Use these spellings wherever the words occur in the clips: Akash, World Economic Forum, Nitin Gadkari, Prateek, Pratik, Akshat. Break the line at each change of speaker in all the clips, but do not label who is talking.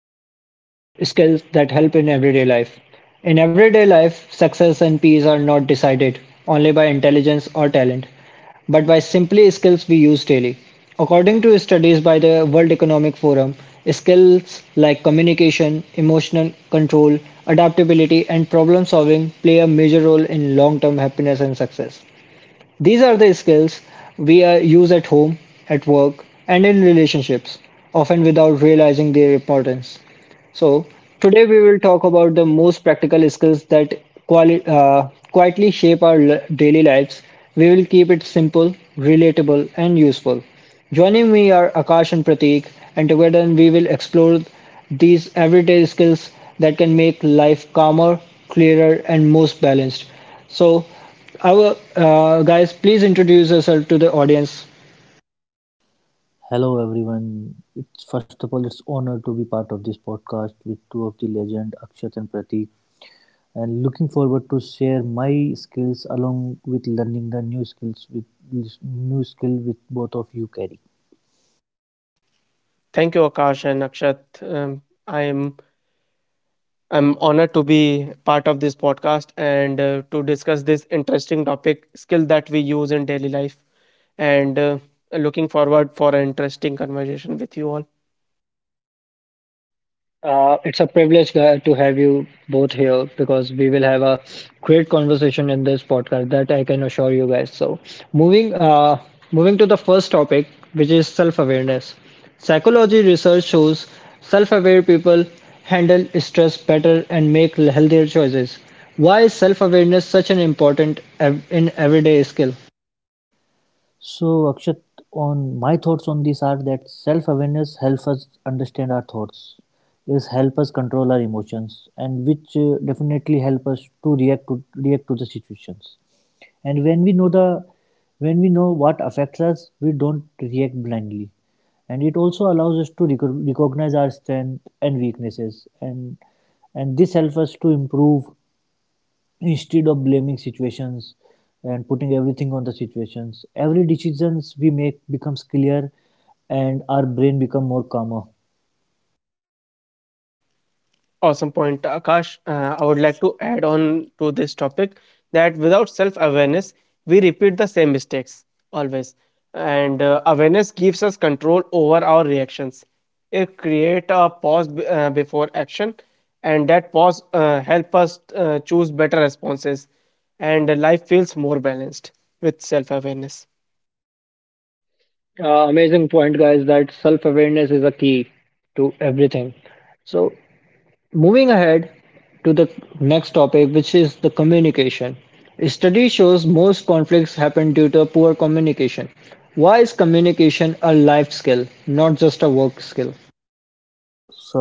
which is about skills that help in everyday life. In everyday life, success and peace are not decided only by intelligence or talent, but by simply skills we use daily. According to studies by the World Economic Forum, skills like communication, emotional control, adaptability, and problem solving play a major role in long term happiness and success. These are the skills we use at home, at work, and in relationships, often without realizing their importance. So, today we will talk about the most practical skills that quietly shape our daily lives. We will keep it simple, relatable, and useful. Joining me are Akash and Prateek, and together we will explore these everyday skills that can make life calmer, clearer, and most balanced. So, our guys, please introduce yourself to the audience.
Hello everyone. It's honor to be part of this podcast with two of the legend Akshat and Pratik and looking forward to share my skills along with learning the new skills with new skill with both of you carry.
Thank you, Akash and Akshat. Um, I'm I'm honored to be part of this podcast and to discuss this interesting topic, skill that we use in daily life, and looking forward for an interesting conversation with you all.
It's a privilege to have you both here because we will have a great conversation in this podcast that I can assure you guys. So, moving uh, moving to the first topic, which is self-awareness. Psychology research shows self-aware people handle stress better and make healthier choices. Why is self-awareness such an important in everyday skill?
So, Akshat, on my thoughts on this are that self-awareness helps us understand our thoughts, is help us control our emotions, and which definitely help us to react to the situations. And when we know what affects us, we don't react blindly. And it also allows us to recognize our strength and weaknesses, and this helps us to improve instead of blaming situations and putting everything on the situations. Every decisions we make becomes clear and our brain become more calmer.
Awesome point, Akash. I would like to add on to this topic that without self awareness, we repeat the same mistakes always. And awareness gives us control over our reactions. It creates a pause before action, and that pause help us choose better responses. And life feels more balanced with self awareness.
Amazing point, guys, that self-awareness is a key to everything. So, moving ahead to the next topic, which is the communication. A study shows most conflicts happen due to poor communication. Why is communication a life skill, not just a work skill?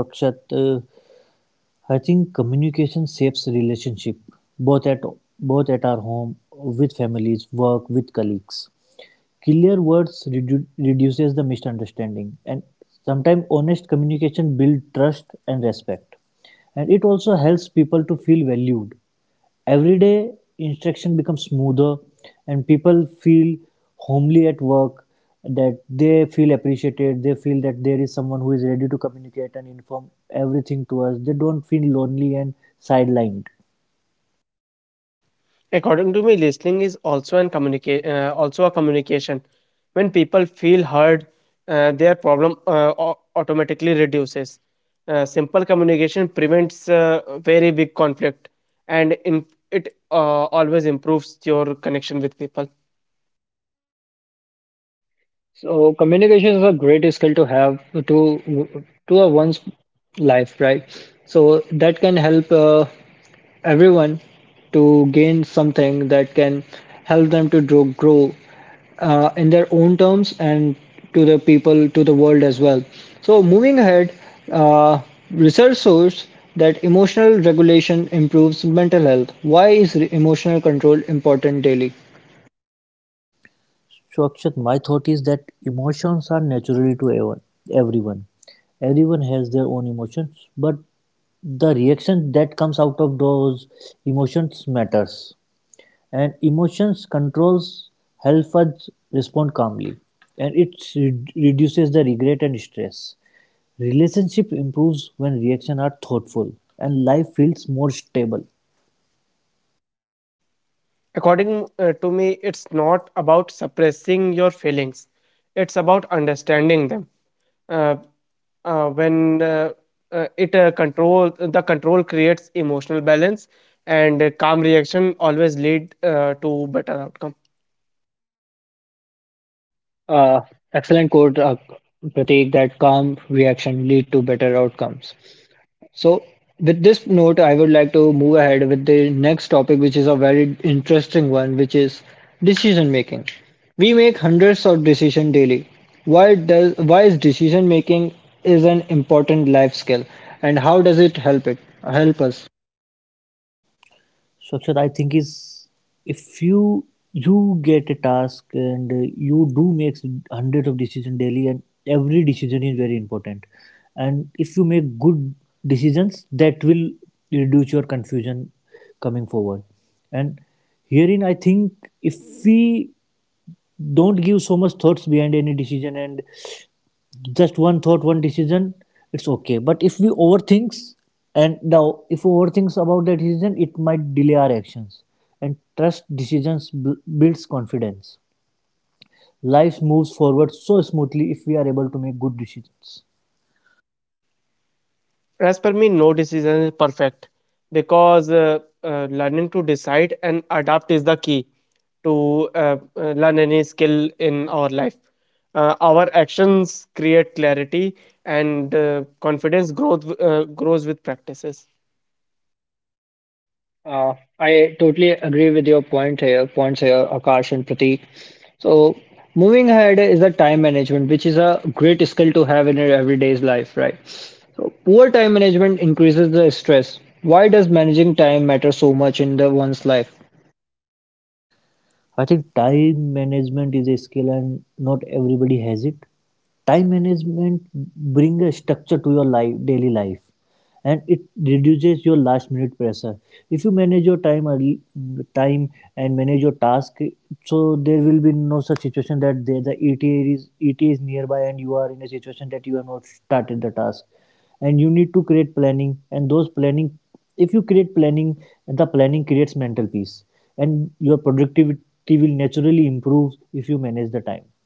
So Akshat, I think communication shapes relationship both at both at our home, with families, work with colleagues. Clear words reduces the misunderstanding, and sometimes honest communication builds trust and respect. And it also helps people to feel valued. Everyday instruction becomes smoother, and people feel homely at work, that they feel appreciated, they feel that there is someone who is ready to communicate and inform everything to us. They don't feel lonely and sidelined.
According to me, listening is also also a communication. When people feel heard, their problem automatically reduces. Simple communication prevents very big conflict, and in, it always improves your connection with people.
So communication is a great skill to have to a one's life, right? So that can help everyone to gain something that can help them to grow in their own terms and to the people, to the world as well. So, moving ahead, uh, research shows that emotional regulation improves mental health. Why is emotional control important daily?
So Akshat, my thought is that emotions are naturally to everyone. Everyone, everyone has their own emotions, but the reaction that comes out of those emotions matters. And emotions controls help us respond calmly, and it reduces the regret and stress. Relationship improves when reactions are thoughtful, and life feels more stable.
According to me, it's not about suppressing your feelings; it's about understanding them uh, when it Control creates emotional balance and calm reaction always lead to better outcome.
Uh, Excellent quote, Pratik, that calm reaction lead to better outcomes. So, with this note, I would like to move ahead with the next topic, which is a very interesting one, which is decision making. We make hundreds of decisions daily. Why is decision making is an important life skill, and how does it help us?
Shakshad, I think is if you you get a task and you do make hundreds of decisions daily, and every decision is very important. And if you make good decisions, that will reduce your confusion coming forward. And herein, I think if we don't give so much thoughts behind any decision and just one thought one decision, it's okay. But if we overthink, and now if we overthink about that decision it might delay our actions. And trust decisions builds confidence. Life moves forward so smoothly if we are able to make good decisions.
As per me, no decision is perfect because learning to decide and adapt is the key to learn any skill in our life. Our actions create clarity and confidence growth grows with practices.
I totally agree with your points here, Akash and Prateek. So, moving ahead is the time management, which is a great skill to have in your everyday's life, right? So, poor time management increases the stress. Why does managing time matter so much in the one's life?
I think time management is a skill and not everybody has it. Time management brings a structure to your life, daily life, and it reduces your last minute pressure. If you manage your time early, time and manage your task, so there will be no such situation that there the ETA is ETA is nearby and you are in a situation that you have not started the task, and you need to create planning. And those planning, if you create planning, the planning creates mental peace, and your productivity will naturally improve if you manage the time.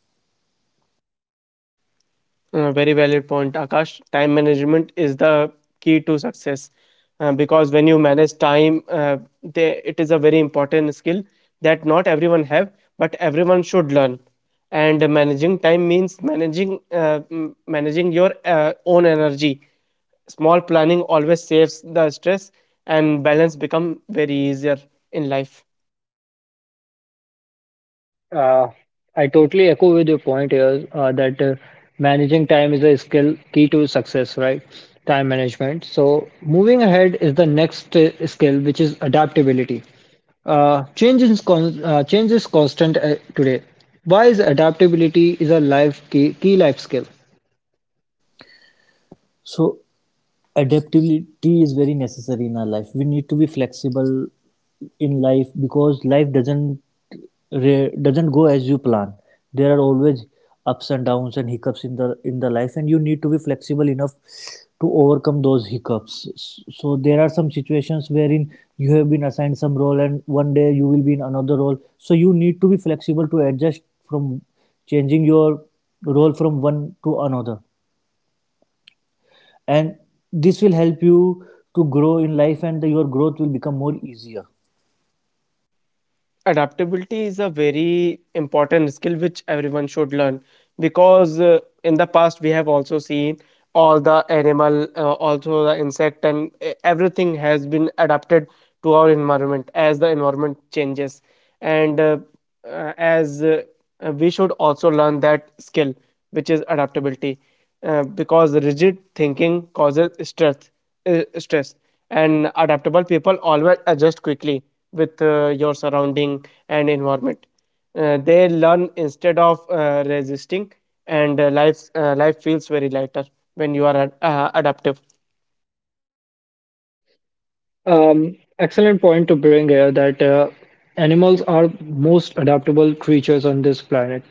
Very valid point, Akash. Time management is the key to success because when you manage time, it is a very important skill that not everyone have, but everyone should learn. And managing time means managing managing your own energy. Small planning always saves the stress, and balance become very easier in life.
Uh, I totally echo with your point here that managing time is a skill key to success, right? Time management. So, moving ahead is the next skill, which is adaptability. Change is constant today. Why is adaptability is a key life skill?
So adaptability is very necessary in our life. We need to be flexible in life because life doesn't doesn't go as you plan. There are always ups and downs and hiccups in the life, and you need to be flexible enough to overcome those hiccups. So there are some situations wherein you have been assigned some role and one day you will be in another role, so you need to be flexible to adjust from changing your role from one to another, and this will help you to grow in life and your growth will become more easier.
Adaptability is a very important skill which everyone should learn because in the past we have also seen all the animal also the insect and everything has been adapted to our environment as the environment changes and as we should also learn that skill which is adaptability because rigid thinking causes stress. And adaptable people always adjust quickly with your surrounding and environment. They learn instead of resisting, and life feels very lighter when you are adaptive.
Excellent point to bring here that animals are most adaptable creatures on this planet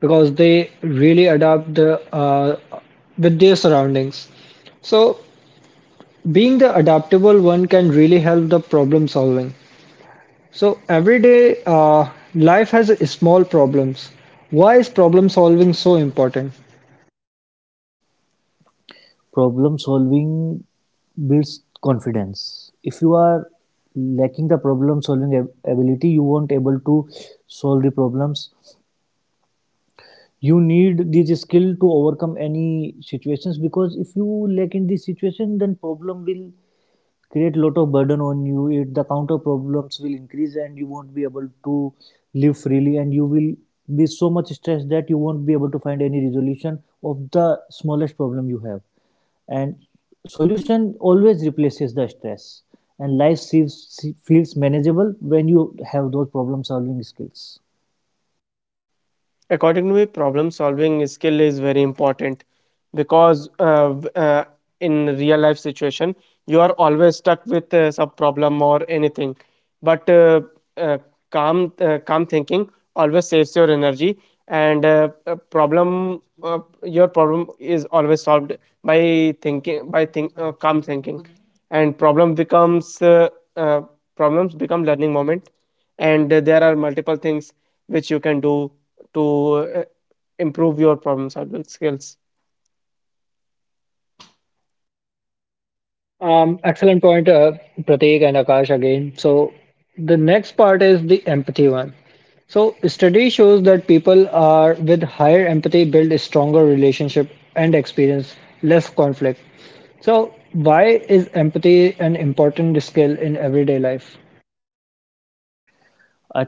because they really adapt the with their surroundings. So being the adaptable one can really help the problem solving. So everyday life has small problems. Why is problem solving so important?
Problem solving builds confidence. If you are lacking the problem solving ability, you won't able to solve the problems. You need this skill to overcome any situations, because if you lack in this situation, then problem will create a lot of burden on you. It the counter problems will increase and you won't be able to live freely, and you will be so much stressed that you won't be able to find any resolution of the smallest problem you have. And solution always replaces the stress, and life seems feels manageable when you have those problem solving skills.
According to me, problem solving skill is very important because in real life situation, you are always stuck with some problem or anything. But uh, calm thinking always saves your energy, and your problem is always solved by calm thinking, and uh, problems become learning moment. And there are multiple things which you can do to improve your problem solving skills.
Excellent point, Prateek and Akash again. So the next part is the empathy one. So study shows that people are with higher empathy build stronger relationship and experience less conflict. So why is empathy an important skill in everyday life?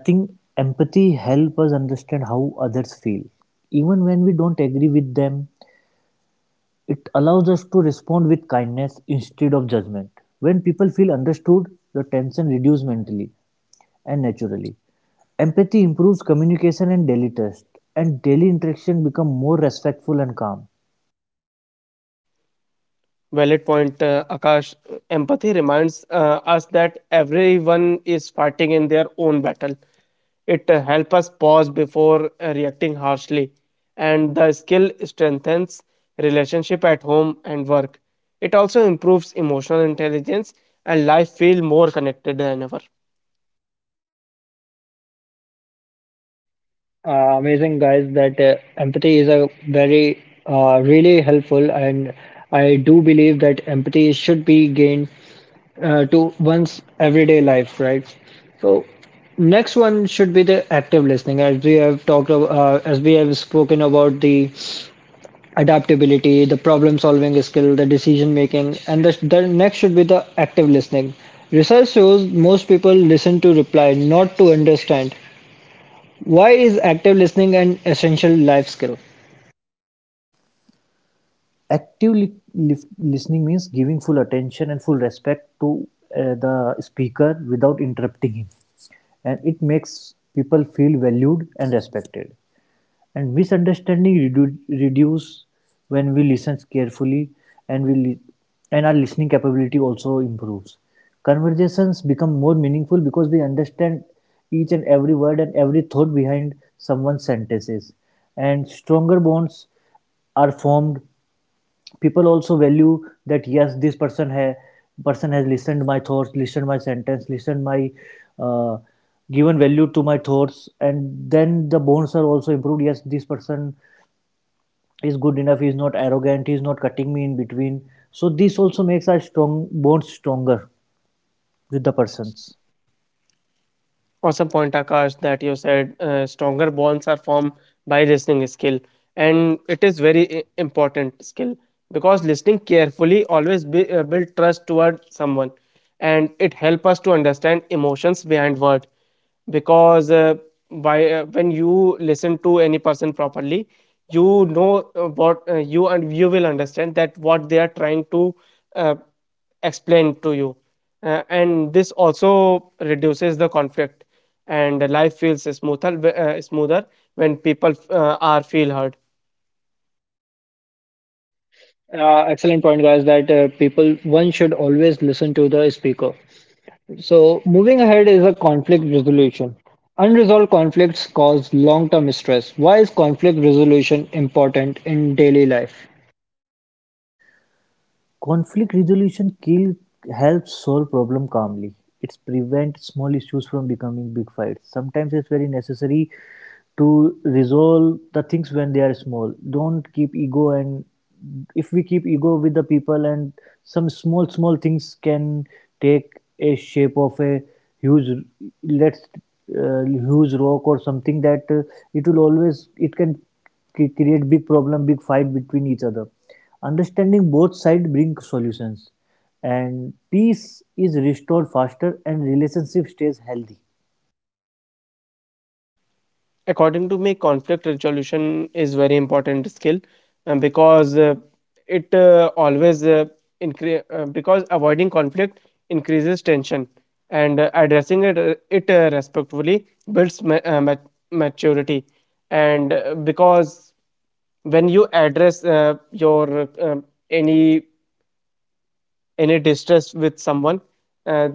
I think empathy help us understand how others feel even when we don't agree with them. It allows us to respond with kindness instead of judgment. When people feel understood, the tension reduces mentally and naturally. Empathy improves communication and daily trust, and daily interaction become more respectful and calm.
Valid point, Akash. Empathy reminds us that everyone is fighting in their own battle. It helps us pause before reacting harshly, and the skill strengthens relationship at home and work. It also improves emotional intelligence, and life feel more connected than ever.
Amazing guys, that empathy is a very really helpful, and I do believe that empathy should be gained to one's everyday life, right? So next one should be the active listening, as we have talked, about, as we have spoken about the adaptability, the problem-solving skill, the decision-making, and the next should be the active listening. Research shows most people listen to reply, not to understand. Why is active listening an essential life skill?
Active listening means giving full attention and full respect to the speaker without interrupting him, and it makes people feel valued and respected. And misunderstanding reduce when we listen carefully, and our listening capability also improves. Conversations become more meaningful because we understand each and every word and every thought behind someone's sentences, and stronger bonds are formed. People also value that yes, this person has listened my thoughts, listened my sentence, listened my uh, given value to my thoughts, and then the bonds are also improved. Yes, this person is good enough, he is not arrogant, he is not cutting me in between, so this also makes our strong bonds stronger with the persons.
Awesome point, Akash, that you said stronger bonds are formed by listening skill, and it is very important skill because listening carefully always build trust toward someone, and it help us to understand emotions behind word. Because by when you listen to any person properly, you know what you and you will understand that what they are trying to. Uh, Explained to you. And this also reduces the conflict and life feels smoother smoother when people are feel heard.
Excellent point, guys. That people one should always listen to the speaker. So, moving ahead is a conflict resolution. Unresolved conflicts cause long term stress. Why is conflict resolution important in daily life?
Conflict resolution kill helps solve problem calmly. It's prevent small issues from becoming big fights. Sometimes it's very necessary to resolve the things when they are small. Don't keep ego, and if we keep ego with the people and some small small things can take a shape of a huge, let's huge rock or something, that it will always, it can create big problem, big fight between each other. Understanding both sides brings solutions, and peace is restored faster and relationship stays healthy.
According to me, conflict resolution is very important skill because it because avoiding conflict increases tension and addressing it respectfully builds maturity. And because when you address your any any distress with someone, uh,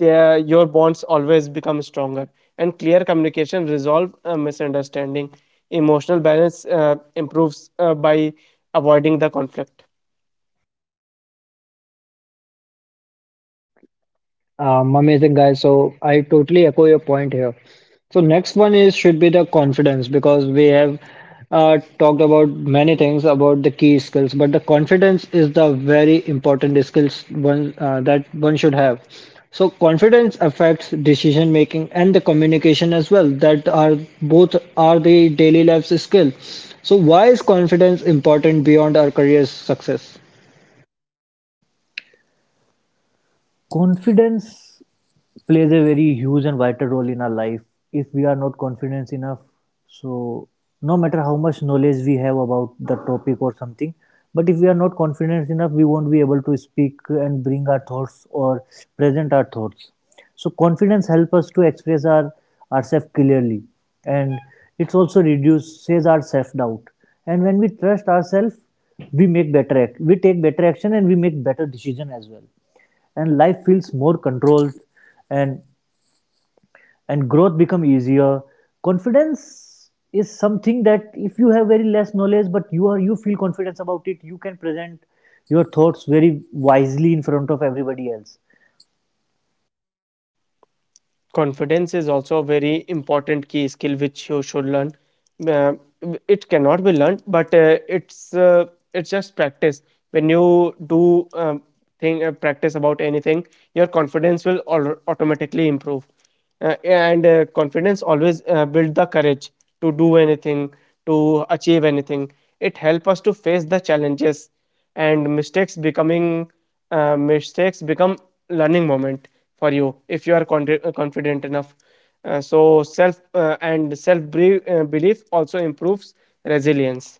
their your bonds always become stronger, and clear communication resolve misunderstanding. Emotional balance improves by avoiding the conflict.
Amazing guys. So I totally echo your point here. So next one is should be the confidence because we have talked about many things about the key skills, but the confidence is the very important skills one that one should have. So confidence affects decision making and the communication as well. That are both are the daily life's skill. So why is confidence important beyond our career's success?
Confidence plays a very huge and vital role in our life. If we are not confident enough, so no matter how much knowledge we have about the topic or something, but if we are not confident enough, we won't be able to speak and bring our thoughts or present our thoughts. So confidence helps us to express ourselves clearly, and it also reduces our self doubt. And when we trust ourselves, we make better act we take better action, and we make better decision as well, and life feels more controlled, and growth become easier. Confidence is something that if you have very less knowledge but you feel confidence about it, you can present your thoughts very wisely in front of everybody else.
Confidence is also a very important key skill which you should learn. Uh, it cannot be learned, but it's just practice. When you do thing practice about anything, your confidence will automatically improve, and confidence always build the courage to do anything, to achieve anything. It help us to face the challenges, and mistakes become learning moment for you if you are confident enough. So self And self belief also improves resilience.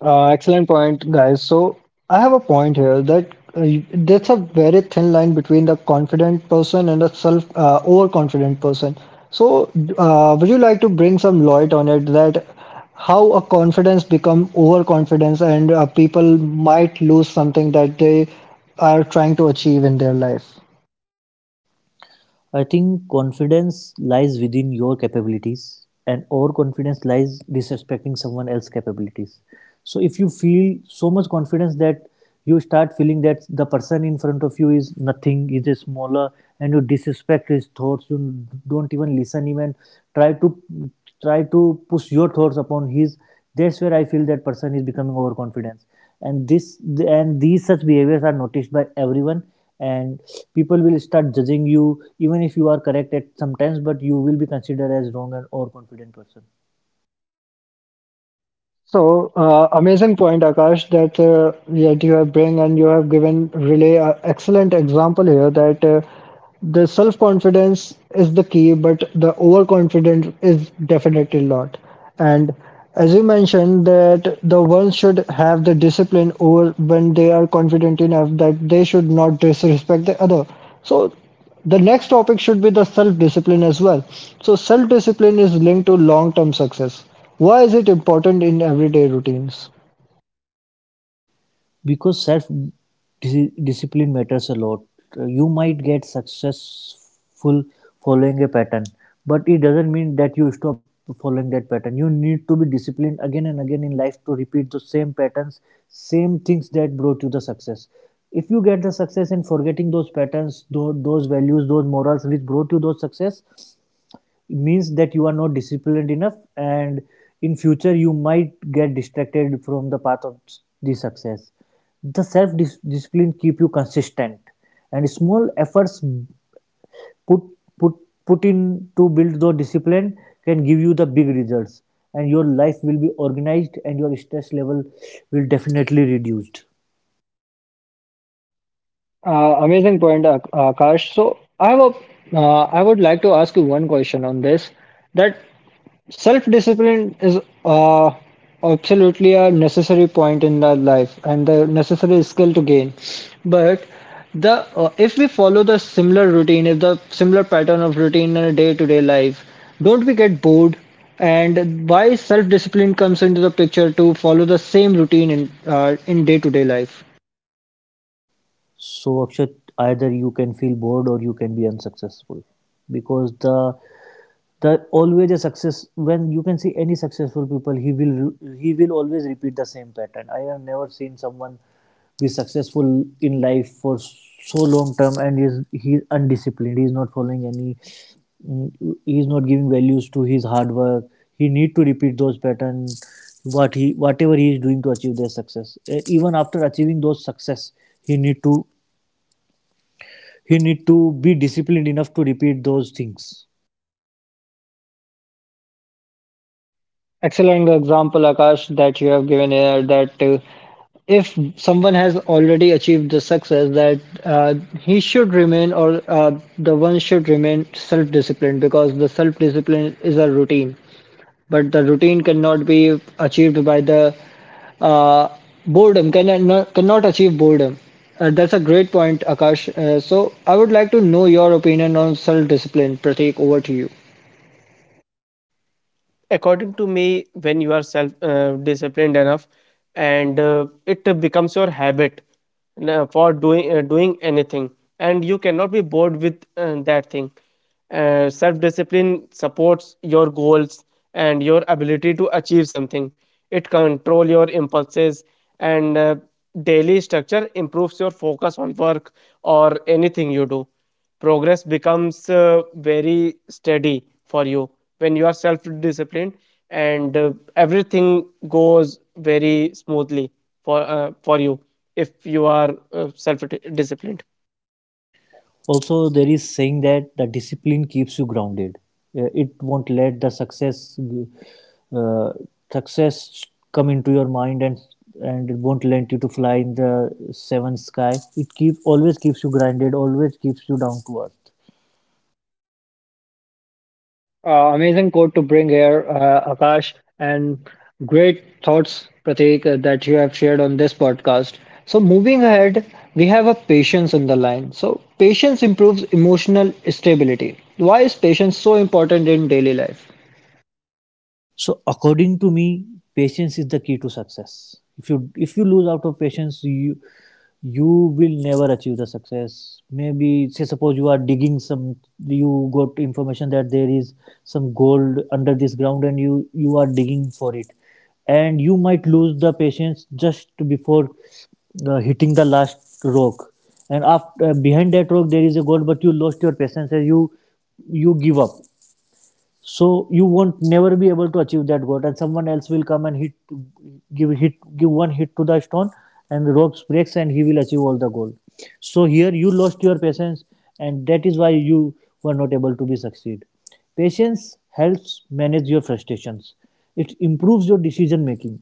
Excellent point, guys. So I have a point here that that's a very thin line between the confident person and the self overconfident person. So would you like to bring some light on it that how a confidence become overconfidence and people might lose something that they are trying to achieve in their life?
I think confidence lies within your capabilities, and overconfidence lies disrespecting someone else's capabilities. So, if you feel so much confidence that you start feeling that the person in front of you is nothing, is a smaller, and you disrespect his thoughts, you don't even listen him and try to try to push your thoughts upon his. That's where I feel that person is becoming overconfident, and this and these such behaviors are noticed by everyone, and people will start judging you even if you are correct at sometimes, but you will be considered as wrong and overconfident person.
So, amazing point, Akash, that that you have bring and you have given Relay an excellent example here that the self-confidence is the key, but the overconfidence is definitely not. And as you mentioned, that the ones should have the discipline over when they are confident enough that they should not disrespect the other. So the next topic should be the self-discipline as well. So self-discipline is linked to long-term success. Why is it important in everyday routines?
Because discipline matters a lot. You might get successful following a pattern, but it doesn't mean that you stop following that pattern. You need to be disciplined again and again in life to repeat the same patterns, same things that brought you the success. If you get the success in forgetting those patterns, those values, those morals which brought you those success, it means that you are not disciplined enough, and in future you might get distracted from the path of the success. The self discipline keep you consistent, and small efforts put put put in to build the discipline can give you the big results, and your life will be organized, and your stress level will definitely reduced.
Amazing point, Akash. So I have I would like to ask you one question on this. That self discipline is uh, absolutely a necessary point in our life and the necessary skill to gain. But the if we follow the similar routine, if the similar pattern of routine in a day to day life, don't we get bored? And why self discipline comes into the picture to follow the same routine in day to day life?
So Akshat, either you can feel bored or you can be unsuccessful, because the always a success, when you can see any successful people, he will always repeat the same pattern. I have never seen someone be successful in life for so long term and is he is undisciplined, he is not following any he is not giving values to his hard work. He need to repeat those patterns, whatever he is doing to achieve their success. Eh, even after achieving those success, he need to he need to be disciplined enough to repeat those things.
Excellent example, Akash, that you have given here that if someone has already achieved the success, that he should remain or the one should remain self disciplined because the self discipline is a routine, but the routine cannot be achieved by the uh, boredom, cannot, cannot achieve boredom. That's a great point, Akash. So I would like to know your opinion on self discipline. Prateek, over to you.
According to me, when you are self disciplined enough, and it becomes your habit for doing anything, and you cannot be bored with that thing. Self discipline supports your goals and your ability to achieve something. It control your impulses, and daily structure improves your focus on work or anything you do. Progress becomes very steady for you when you are self disciplined, and everything goes very smoothly for you if you are self disciplined.
Also there is saying that the discipline keeps you grounded. It won't let the success uh, success come into your mind, and it won't let you to fly in the seventh sky. It keep always keeps you grounded, always keeps you down to earth.
Amazing quote to bring here, Akash, and great thoughts, Prateek, that you have shared on this podcast. So, moving ahead, we have a patience in the line. So, patience improves emotional stability. Why is patience so important in daily life?
So according to me, patience is the key to success. If you lose out of patience, you will never achieve the success. Maybe say suppose you are digging some, you got information that there is some gold under this ground and you are digging for it, and you might lose the patience just before hitting the last rock, and after behind that rock there is a gold, but you lost your patience and you give up, so you won't never be able to achieve that goal, and someone else will come and hit give one hit to the stone and the ropes breaks and he will achieve all the goal. So here you lost your patience, and that is why you were not able to be succeed. Patience helps manage your frustrations. It improves your decision making,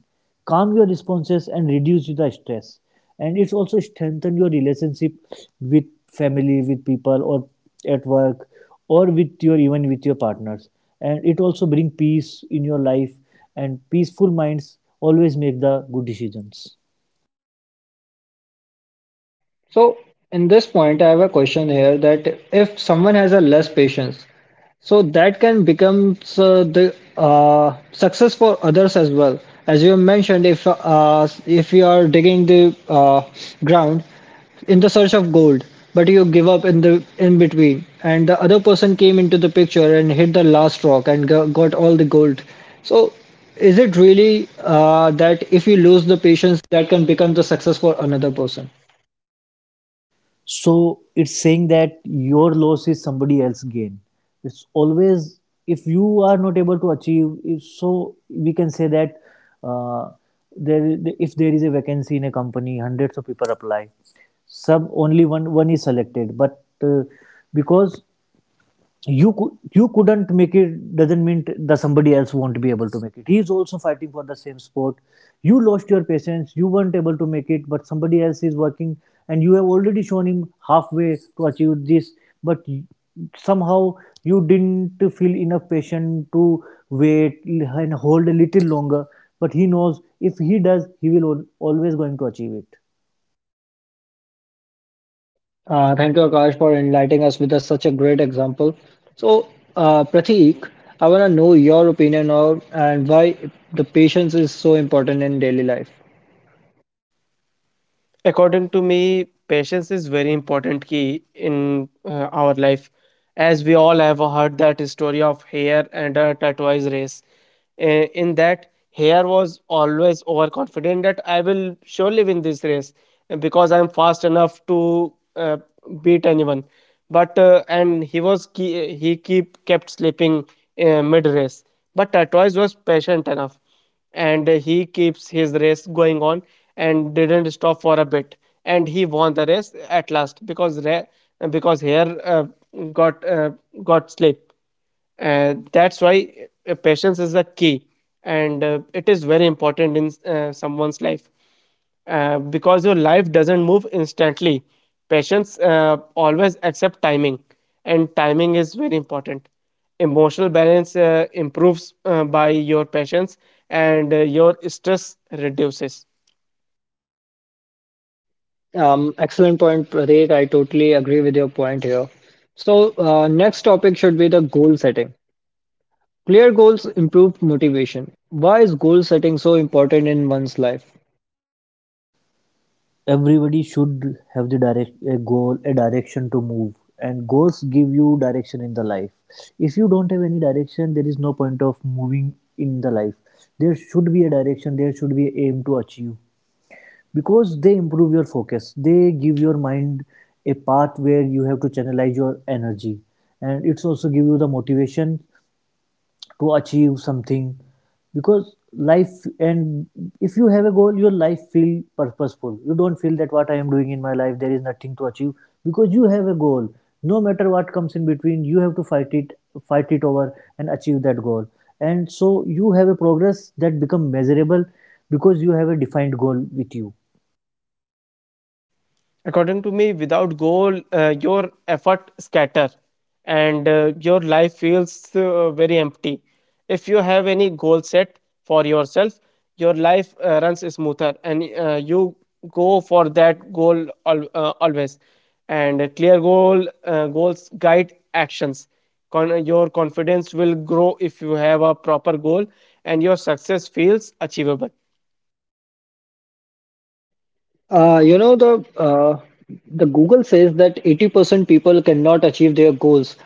calm your responses and reduce the stress. And it's also strengthen your relationship with family, with people, or at work, or with your, even with your partners. And it also bring peace in your life, and peaceful minds always make the good decisions.
So, in this point, I have a question here that if someone has a less patience, so that can become the success for others as well. As you mentioned, if you are digging the ground in the search of gold, but you give up in the in between, and the other person came into the picture and hit the last rock and got all the gold. So, is it really that if you lose the patience, that can become the success for another person?
So it's saying that your loss is somebody else's gain. It's always, if you are not able to achieve, if, so we can say that, uh, there, if there is a vacancy in a company, hundreds of people apply, some, only one is selected, but because you couldn't make it doesn't mean that somebody else won't be able to make it. He is also fighting for the same sport. You lost your patience, you weren't able to make it, but somebody else is working, and you have already shown him halfway to achieve this, but somehow you didn't feel enough patient to wait and hold a little longer. But he knows if he does, he will always going to achieve it.
Thank you, Akash, for enlightening us with a, such a great example. So, Prateek, I want to know your opinion on and why the patience is so important in daily life.
According to me, patience is very important key in our life, as we all have heard that story of hare and a tortoise race. Uh, in that, hare was always overconfident that I will surely win this race because I'm fast enough to beat anyone. But and he was ke- he keep kept sleeping mid race. But tortoise was patient enough, and he keeps his race going on and didn't stop for a bit, and he won the race at last because ra- because hare got uh, got sleep. And that's why patience is the key, and it is very important in someone's life because your life doesn't move instantly. Patients always accept timing, and timing is very important. Emotional balance improves by your patience, and your stress reduces.
Excellent point, Prateek. I totally agree with your point here. So, next topic should be the goal setting. Clear goals improve motivation. Why is goal setting so important in one's life?
Everybody should have the direct a goal, a direction to move, and goals give you direction in the life. If you don't have any direction, there is no point of moving in the life. There should be a direction, there should be an aim to achieve, because they improve your focus, they give your mind a path where you have to channelize your energy. And it's also give you the motivation to achieve something. Because life, and if you have a goal, your life feel purposeful. You don't feel that what I am doing in my life, there is nothing to achieve, because you have a goal. No matter what comes in between, you have to fight it, fight it over, and achieve that goal. And so you have a progress that become measurable, because you have a defined goal with you.
According to me, without goal, your effort scatter and your life feels very empty. If you have any goal set for yourself, your life runs smoother, and you go for that goal always. And a clear goals guide actions. Your confidence will grow if you have a proper goal, and your success feels achievable.
You know the Google says that 80% people cannot achieve their goals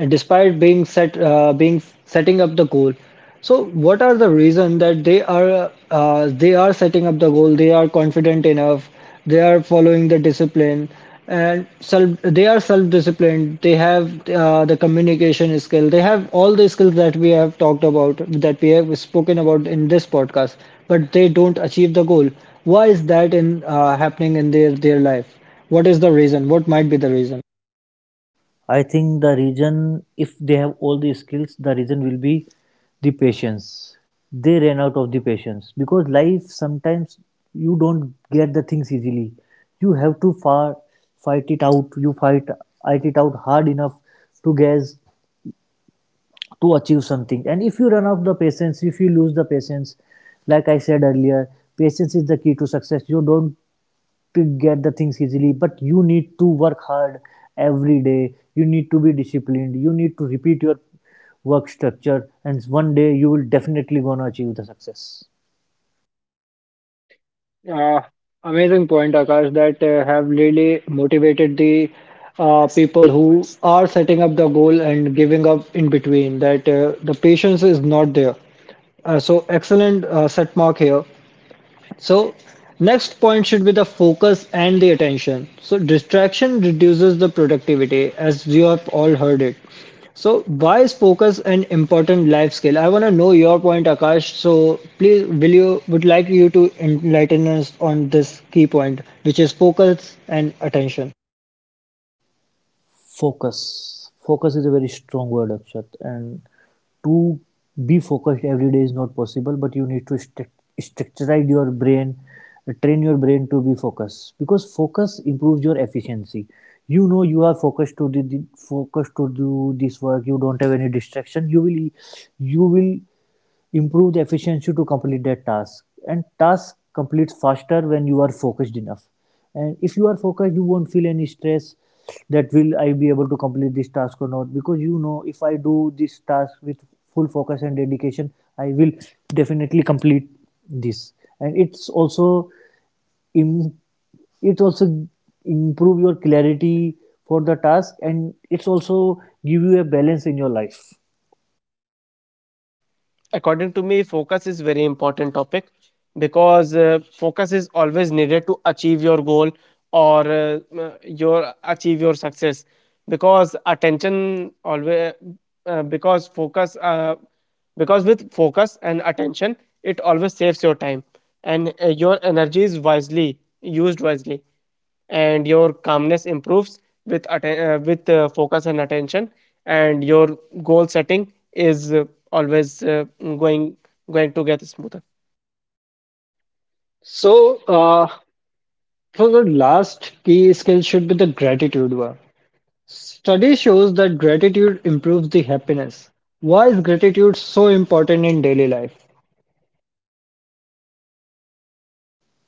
despite being setting up the goal. So what are the reason that they are setting up the goal? They are confident enough, they are following the discipline, and self disciplined. They have the communication skill, they have all the skills that we have talked about, that we have spoken about in this podcast, but they don't achieve the goal. Why is that in happening in their life? What is the reason? What might be the reason?
I think the reason, if they have all the skills, the reason will be the patience. They ran out of the patience, because life sometimes you don't get the things easily. You have to far fight it out. You fight it out hard enough to guess, to achieve something. And if you run out of the patience, if you lose the patience, like I said earlier, patience is the key to success. You don't to get the things easily, but you need to work hard every day. You need to be disciplined, you need to repeat your work structure, and one day you will definitely gonna achieve the success.
uh, Amazing point, Akash, that have really motivated the people who are setting up the goal and giving up in between. That the patience is not there. So excellent set mark here. So next point should be the focus and the attention. So distraction reduces the productivity, as you have all heard it. So why is focus an important life skill? I want to know your point, Akash. So please, will you would like you to enlighten us on this key point, which is focus and attention.
Focus. Focus is a very strong word, Akshat. And to be focused every day is not possible, but you need to structure your brain, train your brain to be focused, because focus improves your efficiency. You know you are focused to do the, focused to do this work. You don't have any distraction. You will improve the efficiency to complete that task, and task completes faster when you are focused enough. And if you are focused, you won't feel any stress that will I be able to complete this task or not, because you know if I do this task with full focus and dedication, I will definitely complete this. And it's also im- it also improve your clarity for the task, and it's also give you a balance in your life.
According to me, focus is very important topic because focus is always needed to achieve your goal or your achieve your success because attention always because focus because with focus and attention, it always saves your time, and your energy is wisely used wisely, and your calmness improves with focus and attention. And your goal setting is always going to get smoother.
So, So the last key skill should be the gratitude one. Study shows that gratitude improves the happiness. Why is gratitude so important in daily life?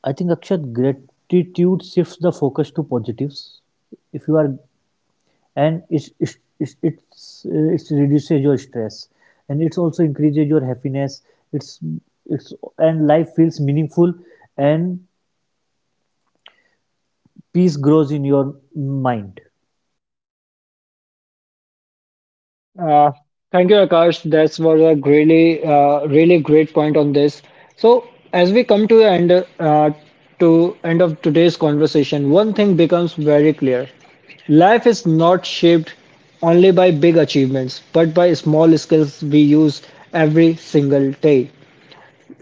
I think, Akshat, gratitude shifts the focus to positives. If you are, and it reduces your stress, and it's also increases your happiness. It's it's and life feels meaningful, and peace grows in your mind.
Uh, Thank you, Akash. That was a really great point on this. So, as we come to the end, uh, to end of today's conversation, one thing becomes very clear: life is not shaped only by big achievements, but by small skills we use every single day.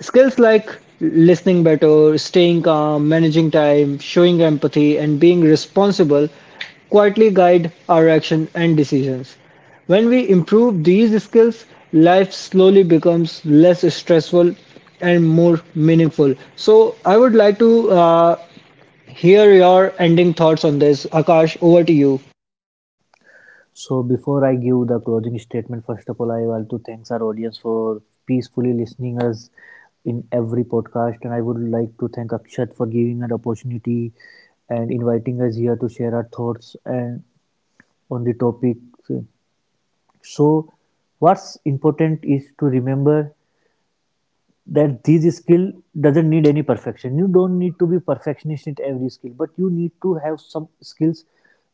Skills like listening better, staying calm, managing time, showing empathy, and being responsible quietly guide our action and decisions. When we improve these skills, life slowly becomes less stressful and more meaningful. So, I would like to hear your ending thoughts on this. Akash, over to you.
So before I give the closing statement, first of all, I want to thanks our audience for peacefully listening us in every podcast, and I would like to thank Akshat for giving an opportunity and inviting us here to share our thoughts and on the topic. So what's important is to remember that these skill doesn't need any perfection. You don't need to be perfectionist in every skill, but you need to have some skills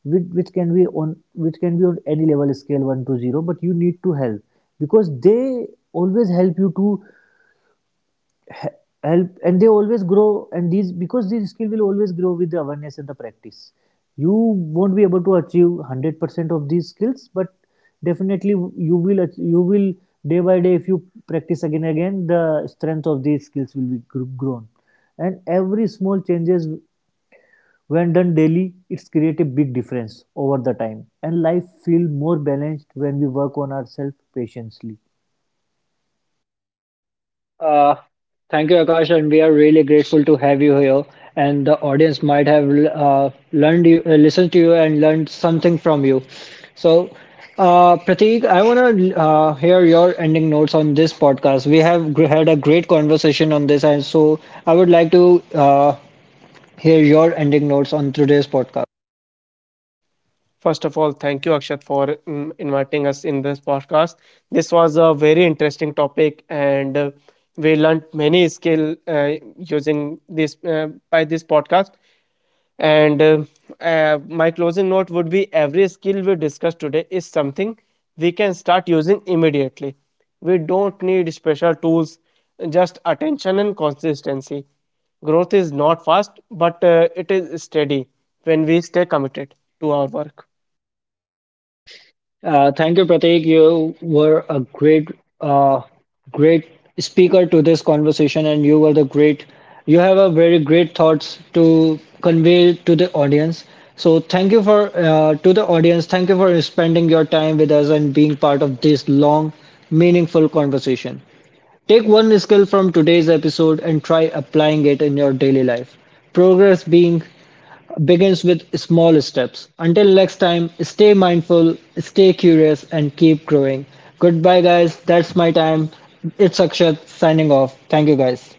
which, which can be on any level scale 1 to 0, but you need to help, because they always help you to he- help, and they always grow, and these, because these skill will always grow with the awareness and the practice. You won't be able to achieve 100% of these skills, but definitely you will you will, day by day, if you practice again and again, the strength of these skills will be grown. And every small changes, when done daily, it's create a big difference over the time, and life feel more balanced when we work on ourselves patiently.
Uh, Thank you, Akash, and we are really grateful to have you here. And the audience might have listened to you, and learned something from you. So, Prateek, I want to hear your ending notes on this podcast. We have had a great conversation on this, and so I would like to hear your ending notes on today's podcast.
First of all, thank you Akshat for inviting us in this podcast. This was a very interesting topic, and we learned many skill using this by this podcast. And My closing note would be every skill we discussed today is something we can start using immediately. We don't need special tools, just attention and consistency. Growth is not fast, but it is steady when we stay committed to our work.
Thank you, Pratik. You were a uh, great speaker to this conversation, and you were the great. You have a very great thoughts to convey to the audience. So thank you for to the audience. Thank you for spending your time with us and being part of this long, meaningful conversation. Take one skill from today's episode and try applying it in your daily life. Progress being begins with small steps. Until next time, stay mindful, stay curious, and keep growing. Goodbye, guys. That's my time. It's Akshat signing off. Thank you, guys.